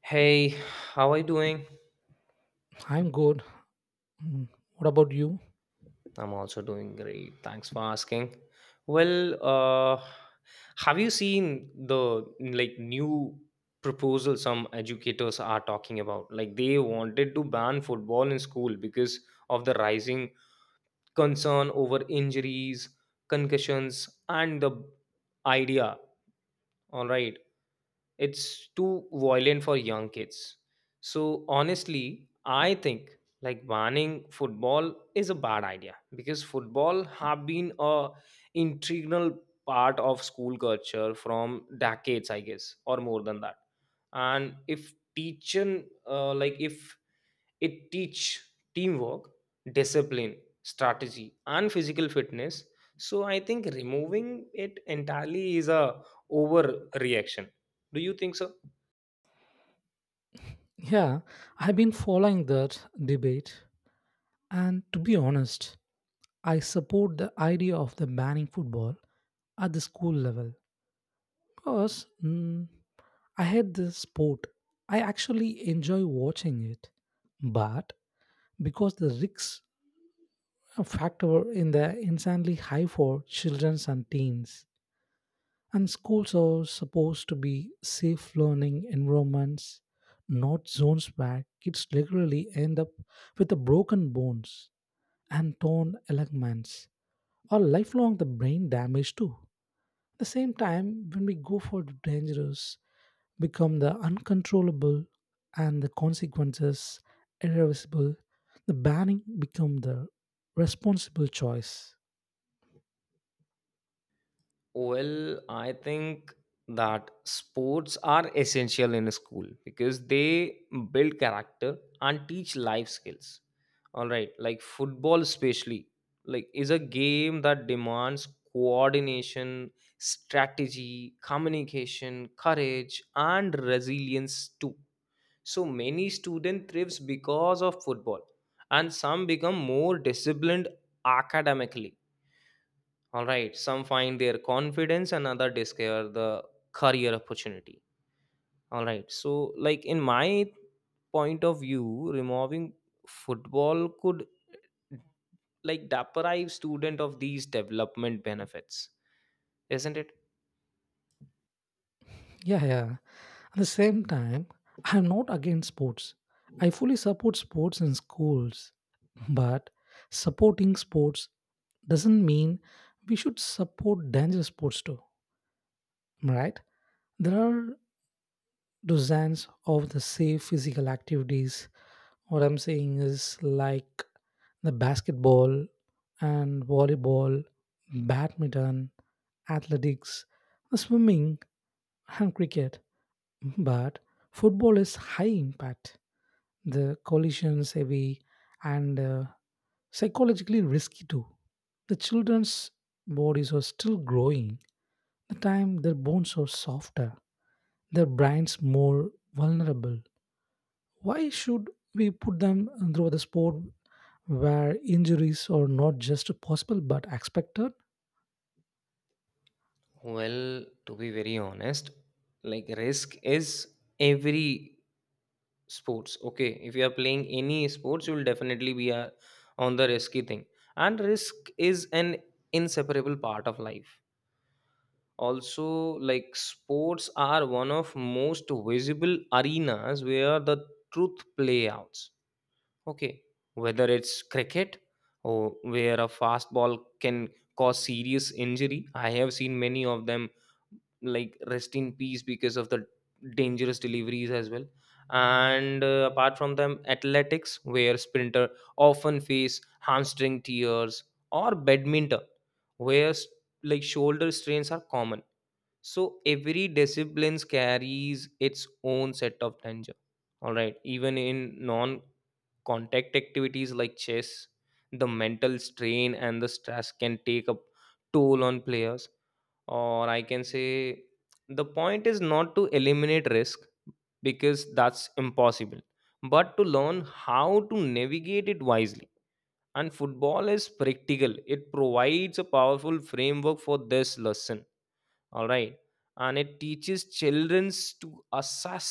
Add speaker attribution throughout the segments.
Speaker 1: Hey, how are you doing?
Speaker 2: I'm good. Mm, what about you?
Speaker 1: I'm also doing great. Thanks for asking. Well, uh, have you seen the new proposal some educators are talking about? Like they wanted to ban football in school because of the rising concern over injuries, concussions, and the idea. All right, it's too violent for young kids. So honestly I think like banning football is a bad idea because football have been a integral part of school culture from decades, I guess, or more than that. And if teaching like if it teach teamwork, discipline, strategy, and physical fitness. So I think removing it entirely is a overreaction. Do you think so?
Speaker 2: Yeah, I've been following that debate. And to be honest, I support the idea of the banning football at the school level because I hate this sport. I actually enjoy watching it, but because the risks factor in the insanely high for children and teens, and schools are supposed to be safe learning environments, not zones where kids regularly end up with the broken bones and torn ligaments or lifelong the brain damage too. At the same time, when we go for the dangerous, become the uncontrollable and the consequences irreversible, the banning become the responsible choice.
Speaker 1: Well, I think that sports are essential in a school because they build character and teach life skills. All right, like football, especially, like is a game that demands coordination, strategy, communication, courage, and resilience too. So many student thrives because of football, and some become more disciplined academically, all right, some find their confidence, and other discover the career opportunity. All right, so like in my point of view, removing football could like deprive student of these development benefits, isn't it?
Speaker 2: Yeah, yeah. At the same time, I am not against sports. I fully support sports in schools. But supporting sports doesn't mean we should support dangerous sports too, right? There are dozens of the safe physical activities. What I'm saying is like the basketball and volleyball, badminton, athletics, swimming, and cricket. But football is high impact, the collisions heavy, and psychologically risky too. The children's bodies are still growing. The time their bones are softer, their brains more vulnerable. Why should we put them through the sport where injuries are not just possible but expected?
Speaker 1: Well, to be very honest, like risk is every sports. Okay, if you are playing any sports, you will definitely be on the risky thing, and risk is an inseparable part of life. Also, like sports are one of most visible arenas where the truth play outs. Okay, whether it's cricket or where a fastball can cause serious injury, I have seen many of them like rest in peace because of the dangerous deliveries as well. And apart from them, athletics where sprinter often face hamstring tears, or badminton where like shoulder strains are common. So every discipline carries its own set of danger. All right, even in non contact activities like chess, the mental strain and the stress can take a toll on players. Or I can say the point is not to eliminate risk because that's impossible, but to learn how to navigate it wisely. And football is practical, it provides a powerful framework for this lesson. All right, and it teaches childrens to assess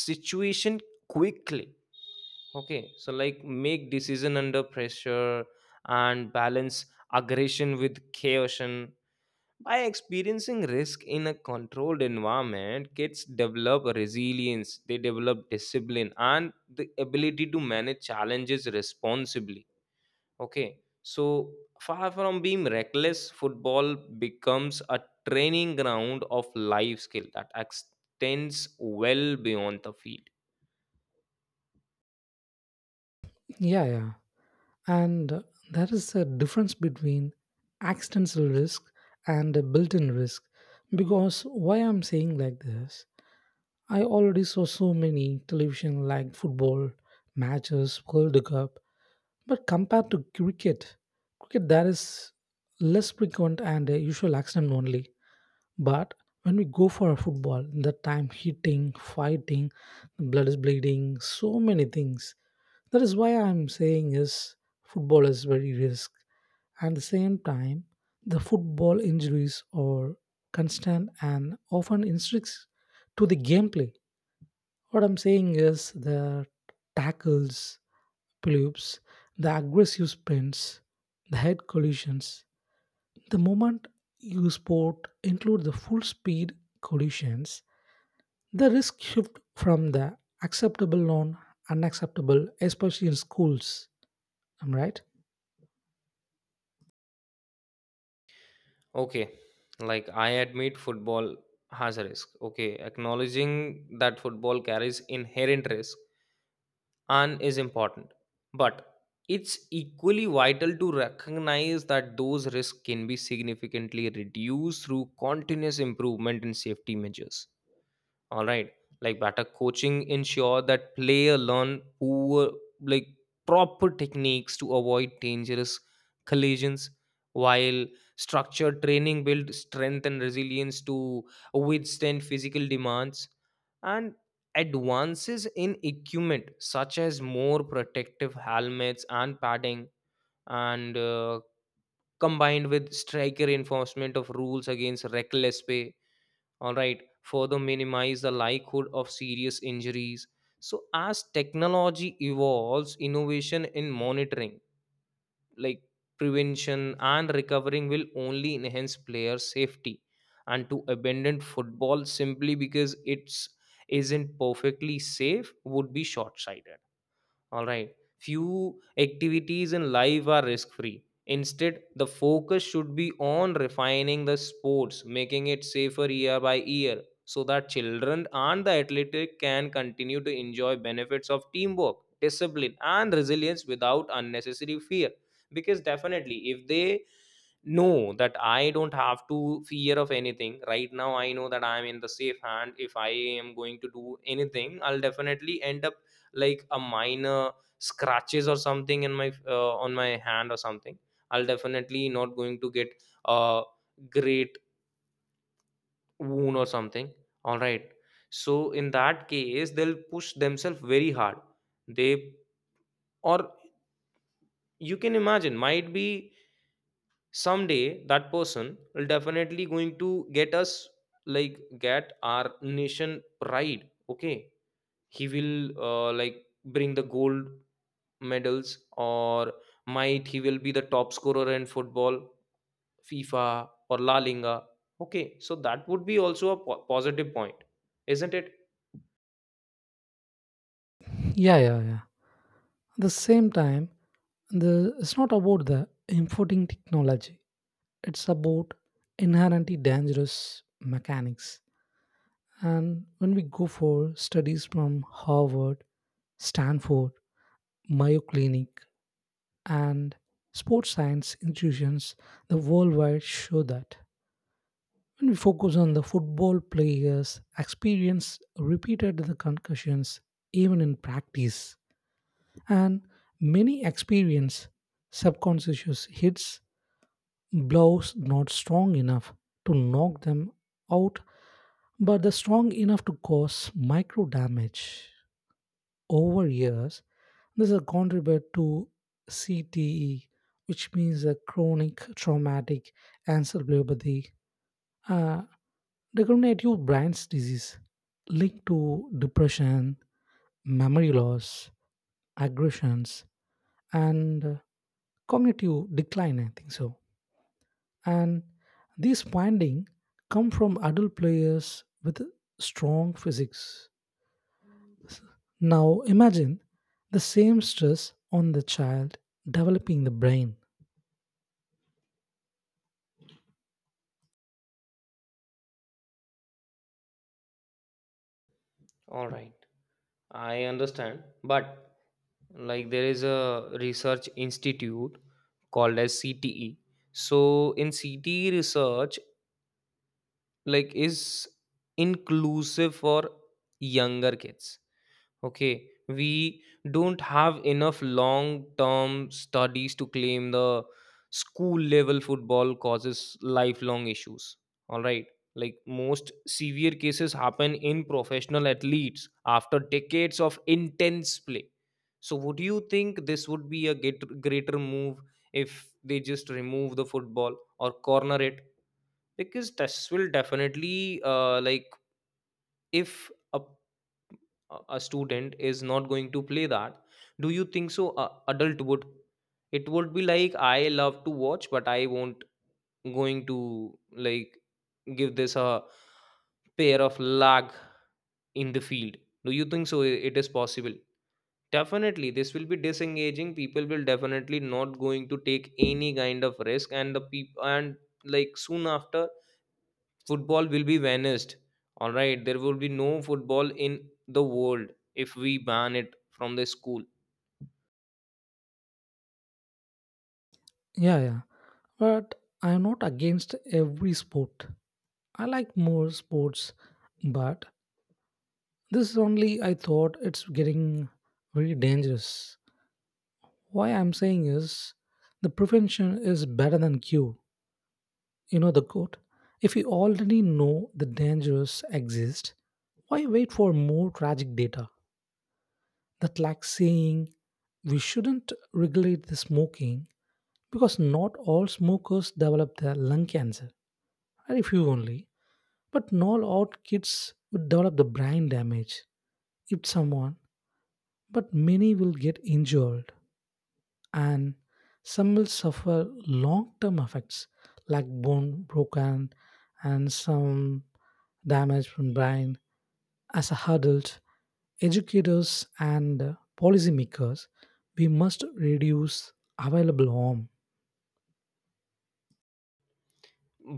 Speaker 1: situation quickly. Okay, so like make decision under pressure and balance aggression with caution. By experiencing risk in a controlled environment, kids develop resilience, they develop discipline and the ability to manage challenges responsibly. Okay, so far from being reckless, football becomes a training ground of life skill that extends well beyond the field.
Speaker 2: Yeah, yeah. And there is a difference between accidental risk and a built in risk. Because why I'm saying like this, I already saw so many television like football matches, World Cup, but compared to cricket, cricket there is less frequent and a usual accident only. But when we go for a football, the time hitting, fighting, blood is bleeding, so many things that is why I'm saying is football is very risk. At the same time, the football injuries are constant and often restricts to the gameplay. What I'm saying is the tackles, blips, the aggressive sprints, the head collisions. The moment you sport include the full speed collisions, the risk shift from the acceptable non unacceptable, especially in schools. Am I right?
Speaker 1: Okay, like I admit football has a risk. Okay, acknowledging that football carries inherent risk and is important, but it's equally vital to recognize that those risks can be significantly reduced through continuous improvement in safety measures. All right. Like better coaching ensure that player learn poor like proper techniques to avoid dangerous collisions, while structured training build strength and resilience to withstand physical demands. And advances in equipment such as more protective helmets and padding, and combined with striker enforcement of rules against reckless play, all right, further minimize the likelihood of serious injuries. So as technology evolves, innovation in monitoring, like prevention and recovering, will only enhance player safety. And to abandon football simply because it's isn't perfectly safe would be short-sighted, all right. Few activities in life are risk free. Instead, the focus should be on refining the sports, making it safer year by year, so that children and the athletic can continue to enjoy benefits of teamwork, discipline, and resilience without unnecessary fear. Because definitely, if they know that I don't have to fear of anything right now, I know that I'm in the safe hand. If I am going to do anything, I'll definitely end up like a minor scratches or something in my on my hand or something. I'll definitely not going to get a great wound or something, all right. So in that case they'll push themselves very hard. They, or you can imagine, might be someday that person will definitely going to get us like get our nation pride. Okay, he will like bring the gold medals, or might he will be the top scorer in football, FIFA or La Liga. Okay, so that would be also a positive point, isn't it?
Speaker 2: Yeah, yeah, yeah. At the same time, the it's not about the importing technology. It's about inherently dangerous mechanics. And when we go for studies from Harvard, Stanford, Mayo Clinic, and sports science institutions, the worldwide show that when we focus on the football players experience repeated the concussions even in practice, and many experience subconscious hits, blows not strong enough to knock them out but are strong enough to cause micro damage over years. This will contribute to CTE, which means a chronic traumatic encephalopathy, uh, degenerative brain disease linked to depression, memory loss, aggressions, and cognitive decline, I think so. And these findings come from adult players with strong physics. Now imagine the same stress on the child developing the brain.
Speaker 1: All right, I understand, but like there is a research institute called as CTE. So in CTE research, like is inclusive for younger kids. Okay, we don't have enough long term studies to claim the school level football causes lifelong issues. All right, like most severe cases happen in professional athletes after decades of intense play. So, would you think this would be a greater move if they just remove the football or corner it? Because this will definitely, like, if a a student is not going to play that, do you think so a adult would, it would be like I love to watch but I won't going to like give this a pair of lag in the field? Do you think so? It is possible. Definitely this will be disengaging, people will definitely not going to take any kind of risk and the people, and like soon after football will be vanished. All right, there will be no football in the world if we ban it from the school.
Speaker 2: Yeah, yeah. But I'm not against every sport. I like more sports, but this is only I thought it's getting very dangerous. Why I'm saying is the prevention is better than cure. You know the quote. If you already know the dangers exist, why wait for more tragic data? That like saying we shouldn't regulate the smoking because not all smokers develop the lung cancer. Very few only. But not all kids would develop the brain damage if someone, but many will get injured, and some will suffer long term effects like bone broken and some damage from brain. As adults, educators, and policymakers, we must reduce available harm.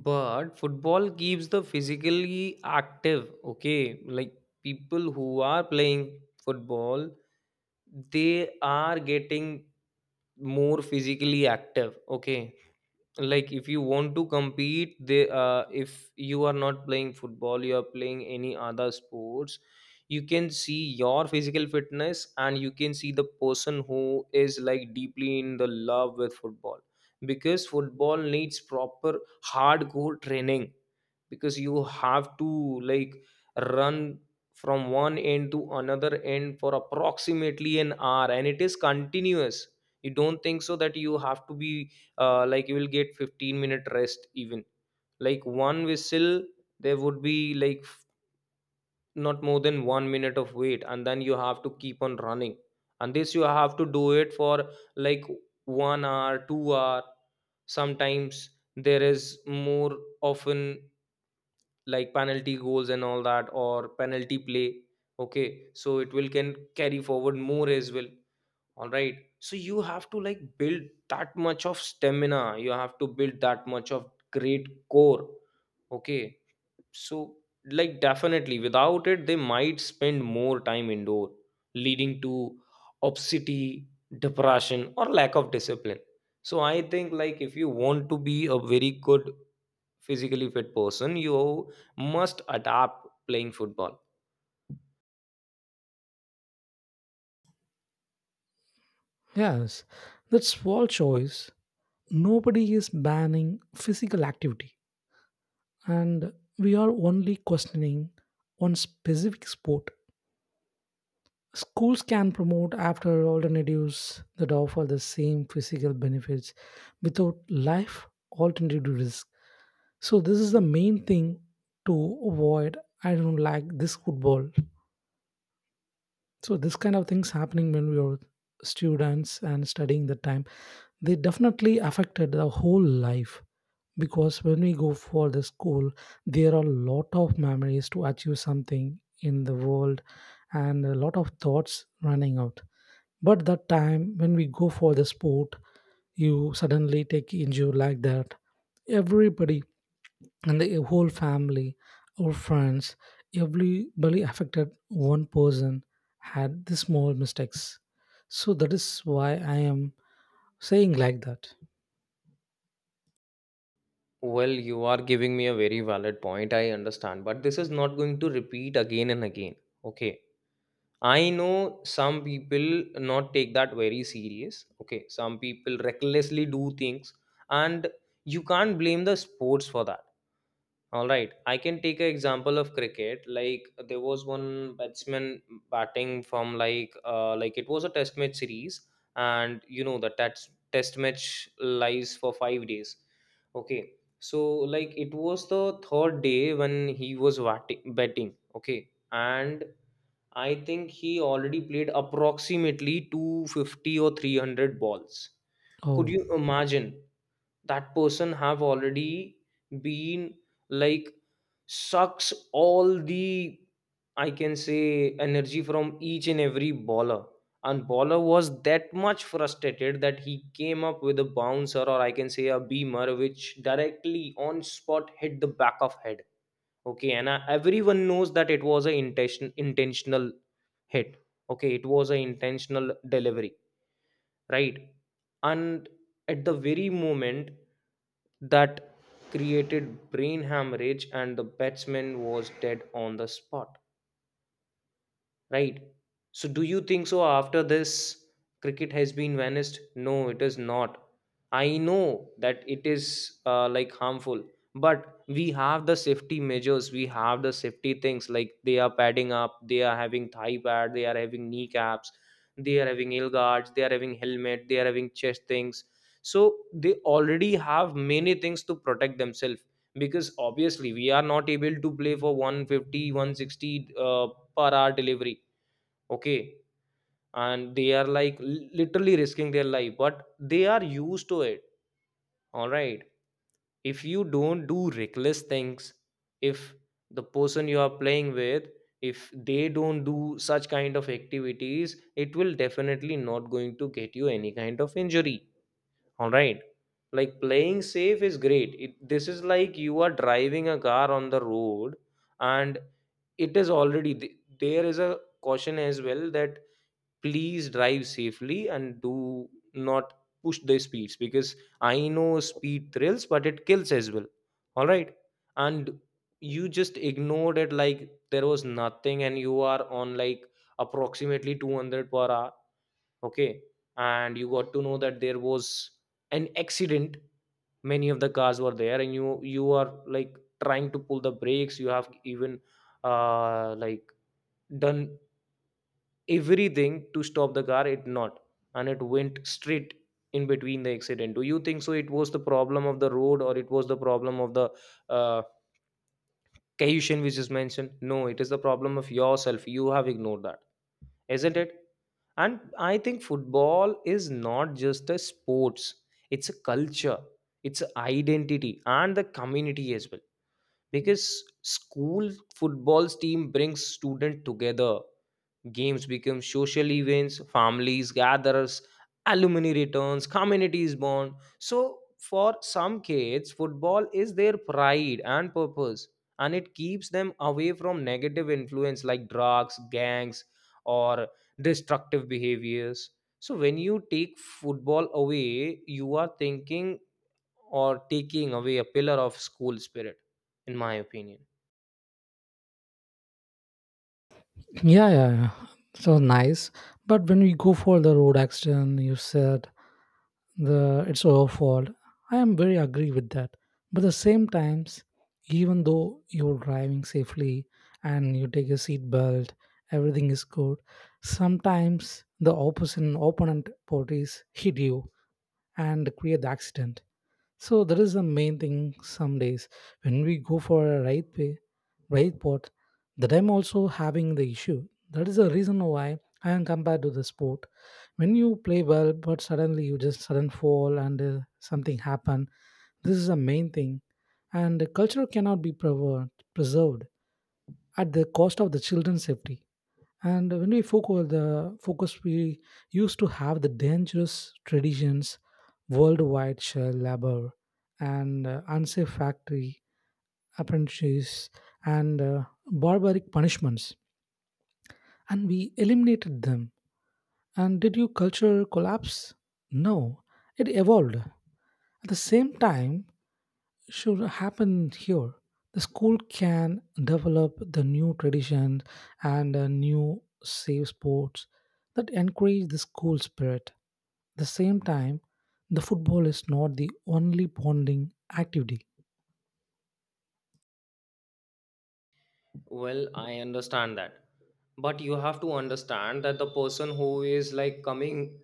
Speaker 1: But football keeps the physically active. Okay, like people who are playing football, they are getting more physically active. Okay, like if you want to compete, they if you are not playing football, you are playing any other sports, you can see your physical fitness, and you can see the person who is like deeply in the love with football. Because football needs proper hardcore training, because you have to like run from one end to another end for approximately an hour and it is continuous. You don't think so that you have to be like you will get 15-minute rest even, like one whistle, there would be like not more than 1 minute of wait and then you have to keep on running. And this you have to do it for like 1 hour, 2 hour, sometimes there is more often like penalty goals and all that, or penalty play. Okay, so it will can carry forward more as well, all right. So you have to like build that much of stamina, you have to build that much of great core. Okay, so like definitely without it they might spend more time indoor, leading to obesity, depression, or lack of discipline. So I think like if you want to be a very good physically fit person, you must adapt playing football.
Speaker 2: Yes, that small choice. Nobody is banning physical activity, and we are only questioning one specific sport. Schools can promote after alternatives that offer the same physical benefits without life alternative risk. So this is the main thing to avoid. I don't like this football. So this kind of things happening when we were students and studying the time, they definitely affected the whole life because when we go for the school, there are a lot of memories to achieve something in the world and a lot of thoughts running out. But that time when we go for the sport, you suddenly take injury like that. Everybody and the whole family, our friends, everybody affected one person had the small mistakes. So that is why I am saying like that.
Speaker 1: Well, you are giving me a very valid point, I understand, but this is not going to repeat again and again. Okay, I know some people not take that very serious. Okay, some people recklessly do things, and you can't blame the sports for that. All right, I can take an example of cricket. Like there was one batsman batting from like it was a test match series, and you know the test match lies for 5 days. Okay, so like it was the third day when he was batting. Okay, and I think he already played approximately 250 or 300 balls. Could
Speaker 2: Oh,
Speaker 1: you imagine? That person have already been like sucks all the, I can say, energy from each and every baller. And baller was that much frustrated that he came up with a bouncer, or I can say a beamer, which directly on spot hit the back of head. Okay and uh, everyone knows that it was an intentional hit. Okay, it was an intentional delivery, right? And at the very moment, that created brain hemorrhage and the batsman was dead on the spot. Right. So do you think so after this cricket has been vanished? No, it is not. I know that it is like harmful, but we have the safety measures, we have the safety things, like they are padding up, they are having thigh pad, they are having knee caps, they are having heel guards, they are having helmet, they are having chest things. So they already have many things to protect themselves because obviously we are not able to play for 150, 160 per hour delivery, okay, and they are like literally risking their life, but they are used to it. All right. If you don't do reckless things, if the person you are playing with, if they don't do such kind of activities, it will definitely not going to get you any kind of injury. All right. Like playing safe is great this is like you are driving a car on the road, and it is already there is a caution as well that please drive safely and do not push the speeds, because I know speed thrills but it kills as well. All right. And you just ignored it like there was nothing and you are on like approximately 200 per hour, okay, and you got to know that there was an accident, many of the cars were there, and you are like trying to pull the brakes, you have even uh like done everything to stop the car, it not, and it went straight in between the accident. Do you think so it was the problem of the road, or it was the problem of the uh, cohesion which is mentioned? No, it is the problem of yourself, you have ignored that, isn't it? And I think football is not just a sports, it's a culture, it's a identity, and the community as well, because school footballs team brings student together. Games become social events, families gathers, alumni returns, communities bond. So for some kids, football is their pride and purpose, and it keeps them away from negative influence like drugs, gangs, or destructive behaviors. So when you take football away, you are thinking or taking away a pillar of school spirit, in my opinion.
Speaker 2: yeah, yeah, yeah. So nice. But when we go for the road accident you said, the it's our fault. I am very agree with that. But the same times, even though you're driving safely and you take a seat belt, everything is good. Sometimes the opposite opponent parties hit you and create the accident. So that is the main thing some days when we go for a right way, right pot, that I'm also having the issue. That is the reason why I am compared to the sport. When you play well, but suddenly you just sudden fall and something happen. This is the main thing, and the culture cannot be preserved at the cost of the children's safety. And when we focus the focus, we used to have the dangerous traditions, worldwide child labor, and unsafe factory apprentices, and barbaric punishments, and we eliminated them. And did your culture collapse? No, it evolved. At the same time, should happen here. The school can develop the new traditions and new safe sports that encourage the school spirit. At the same time, the football is not the only bonding activity.
Speaker 1: Well, I understand that. But you have to understand that the person who is like coming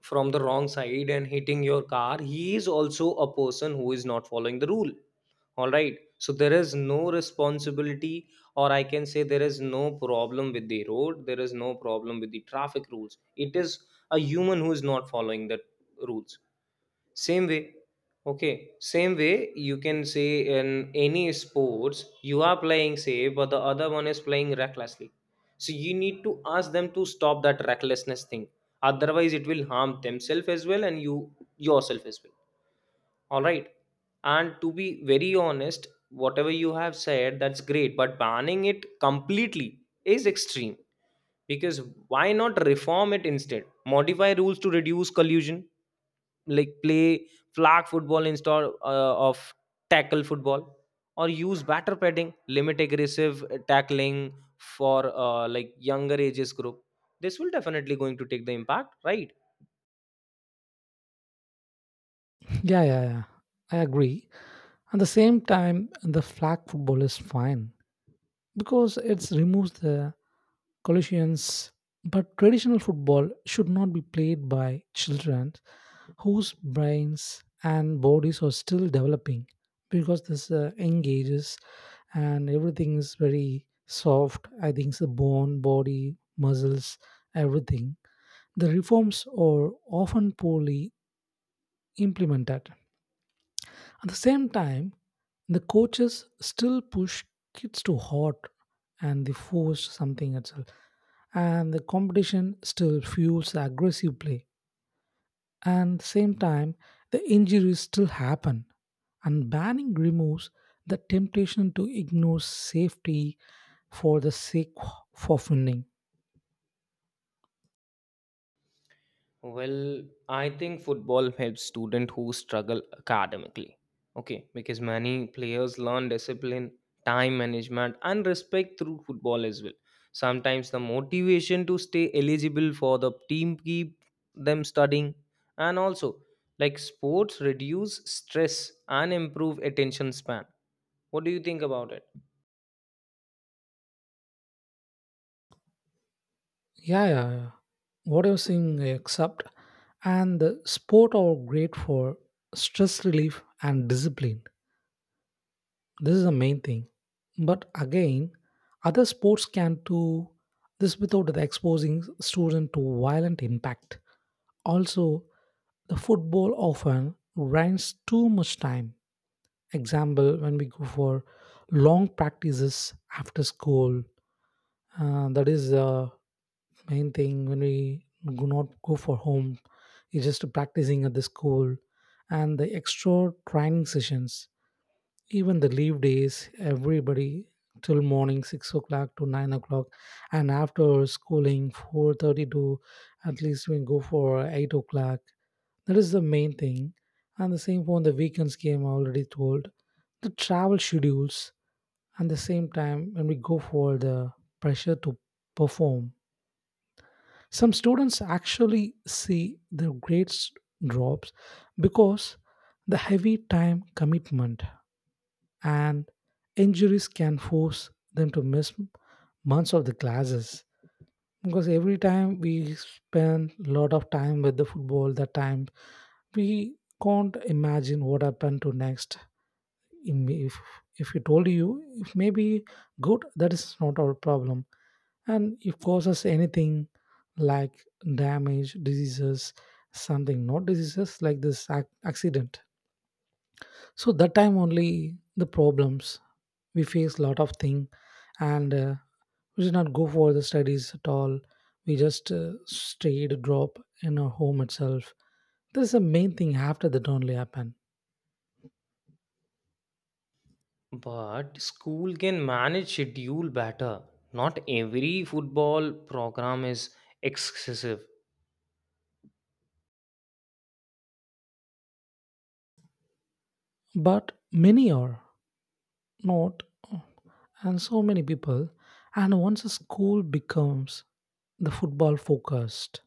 Speaker 1: from the wrong side and hitting your car, he is also a person who is not following the rule. All right. So there is no responsibility, or I can say there is no problem with the road, there is no problem with the traffic rules. It is a human who is not following the rules. Same way, okay, same way you can say in any sports, you are playing safe, but the other one is playing recklessly. So you need to ask them to stop that recklessness thing. Otherwise, it will harm themselves as well and you yourself as well. All right. And to be very honest, whatever you have said, that's great, but banning it completely is extreme, because why not reform it instead, modify rules to reduce collusion, like play flag football instead of tackle football, or use batter padding, limit aggressive tackling for like younger ages group. This will definitely going to take the impact, right?
Speaker 2: Yeah, yeah, yeah. I agree. At the same time, the flag football is fine because it removes the collisions. But traditional football should not be played by children whose brains and bodies are still developing because this young ages and everything is very soft. I think the bone, body, muscles, everything. The reforms are often poorly implemented. At the same time, the coaches still push kids too hard and they force something itself. And the competition still fuels the aggressive play. And at the same time, the injuries still happen. And banning removes the temptation to ignore safety for the sake of winning.
Speaker 1: Well, I think football helps students who struggle academically. Okay, because many players learn discipline, time management, and respect through football as well. Sometimes the motivation to stay eligible for the team keep them studying, and also like sports reduce stress and improve attention span. What do you think about it?
Speaker 2: Yeah, yeah, yeah. What you're saying, I accept. And the sport are great for stress relief and discipline. This is the main thing. But again, other sports can do this without the exposing student to violent impact. Also, the football often runs too much time. Example, when we go for long practices after school, that is the main thing. When we do not go for home, it's just practicing at the school and the extra training sessions, even the leave days, everybody till morning 6 o'clock to 9 o'clock, and after schooling 4:30 to at least we go for 8 o'clock. That is the main thing. And the same for the weekends game I already told. The travel schedules and the same time when we go for the pressure to perform. Some students actually see their grades drops because the heavy time commitment and injuries can force them to miss months of the classes because every time we spend a lot of time with the football that time we can't imagine what happened to next in if we told you if maybe good that is not our problem. And if causes anything like damage diseases, something not diseases like this accident, so that time only the problems we face lot of thing. And we did not go for the studies at all, we just stayed drop in our home itself. This is the main thing after that only happened.
Speaker 1: But school can manage schedule better. Not every football program is excessive.
Speaker 2: But many are not, and so many people, and once a school becomes the football focused,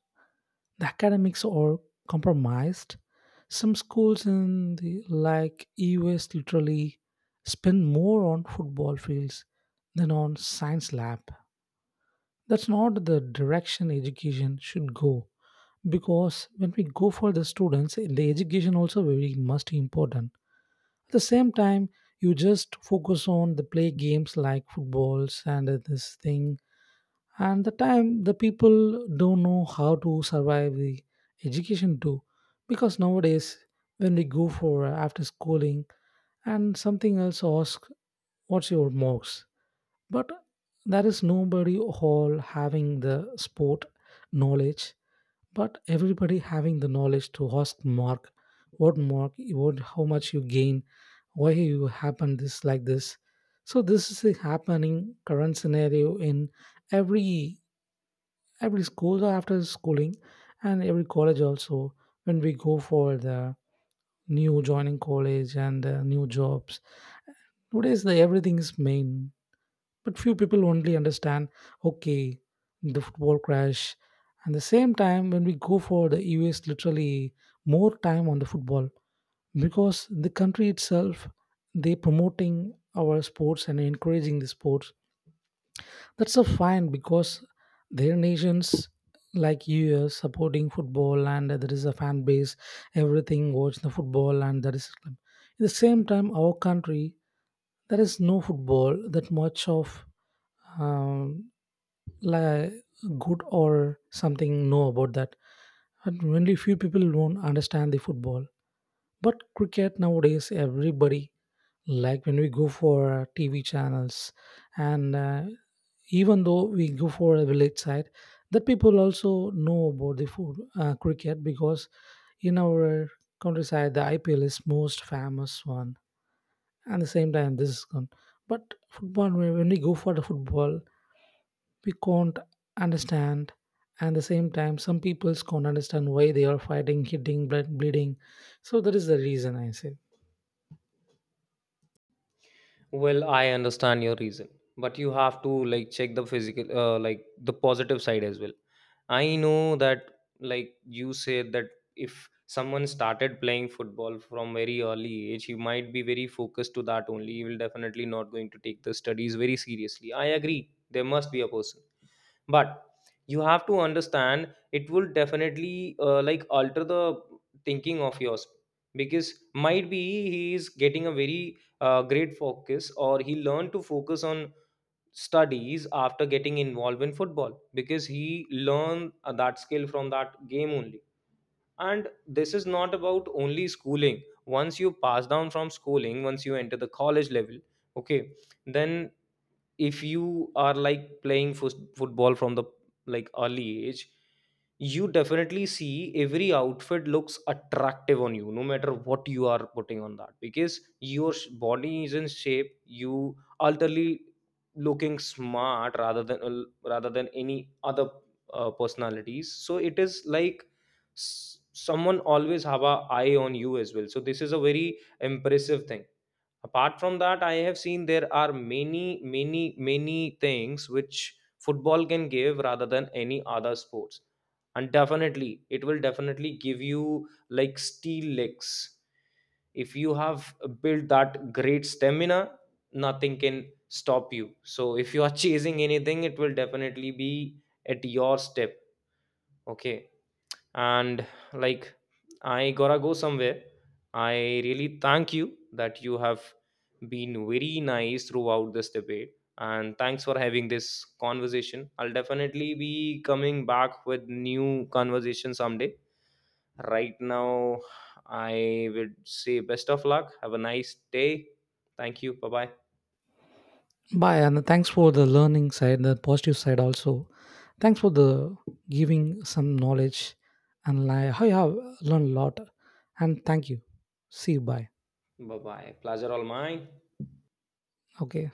Speaker 2: the academics are compromised. Some schools in the like E U S literally spend more on football fields than on science lab. That's not the direction education should go because when we go for the students, the education also very much important. At the same time, you just focus on the play games like footballs and this thing and the time the people don't know how to survive the education too because nowadays when we go for after schooling and something else ask what's your marks but there is nobody all having the sport knowledge but everybody having the knowledge to ask mark what how much you gain why you happen this like this. So this is a happening current scenario in every every school after schooling and every college also. When we go for the new joining college and the new jobs nowadays the everything is main but few people only understand. Okay, the football crash, and the same time when we go for the US literally more time on the football because the country itself they promoting our sports and encouraging the sports, that's a fine because their nations like US supporting football and there is a fan base, everything watch the football and that is Islam. At the same time, our country there is no football that much of um, like good or something know about that. And only few people won't understand the football. But cricket nowadays, everybody like when we go for TV channels, and even though we go for a village side, that people also know about the food cricket because in our countryside the IPL is most famous one, and the same time this is gone. But football, when we go for the football, we can't understand. And the same time, some people can't understand why they are fighting, hitting, blood, bleeding. So that is the reason I say.
Speaker 1: Well, I understand your reason, but you have to like check the physical, like the positive side as well. I know that, like you said, that if someone started playing football from very early age, he might be very focused to that only. He will definitely not going to take the studies very seriously. I agree. There must be a person, but you have to understand it will definitely like alter the thinking of yours, because might be he is getting a very great focus, or he learned to focus on studies after getting involved in football, because he learned that skill from that game only. And this is not about only schooling. Once you pass down from schooling, once you enter the college level, okay, then if you are like playing football from the like early age, you definitely see every outfit looks attractive on you no matter what you are putting on that, because your body is in shape, you ultimately looking smart rather than rather than any other personalities. So it is like someone always have a eye on you as well, so this is a very impressive thing. Apart from that, I have seen there are many many things which football can give rather than any other sports. And definitely it will definitely give you like steel legs. If you have built that great stamina, nothing can stop you. So if you are chasing anything, it will definitely be at your step. Okay. And like I gotta go somewhere. I really thank you that you have been very nice throughout this debate, and thanks for having this conversation. I'll definitely be coming back with new conversation someday. Right now I would say best of luck, have a nice day. Thank you, bye bye.
Speaker 2: Bye, and thanks for the learning side, the positive side also. Thanks for the giving some knowledge, and like I have learned a lot. And thank you. See you. Bye.
Speaker 1: Bye bye, pleasure all mine.
Speaker 2: Okay.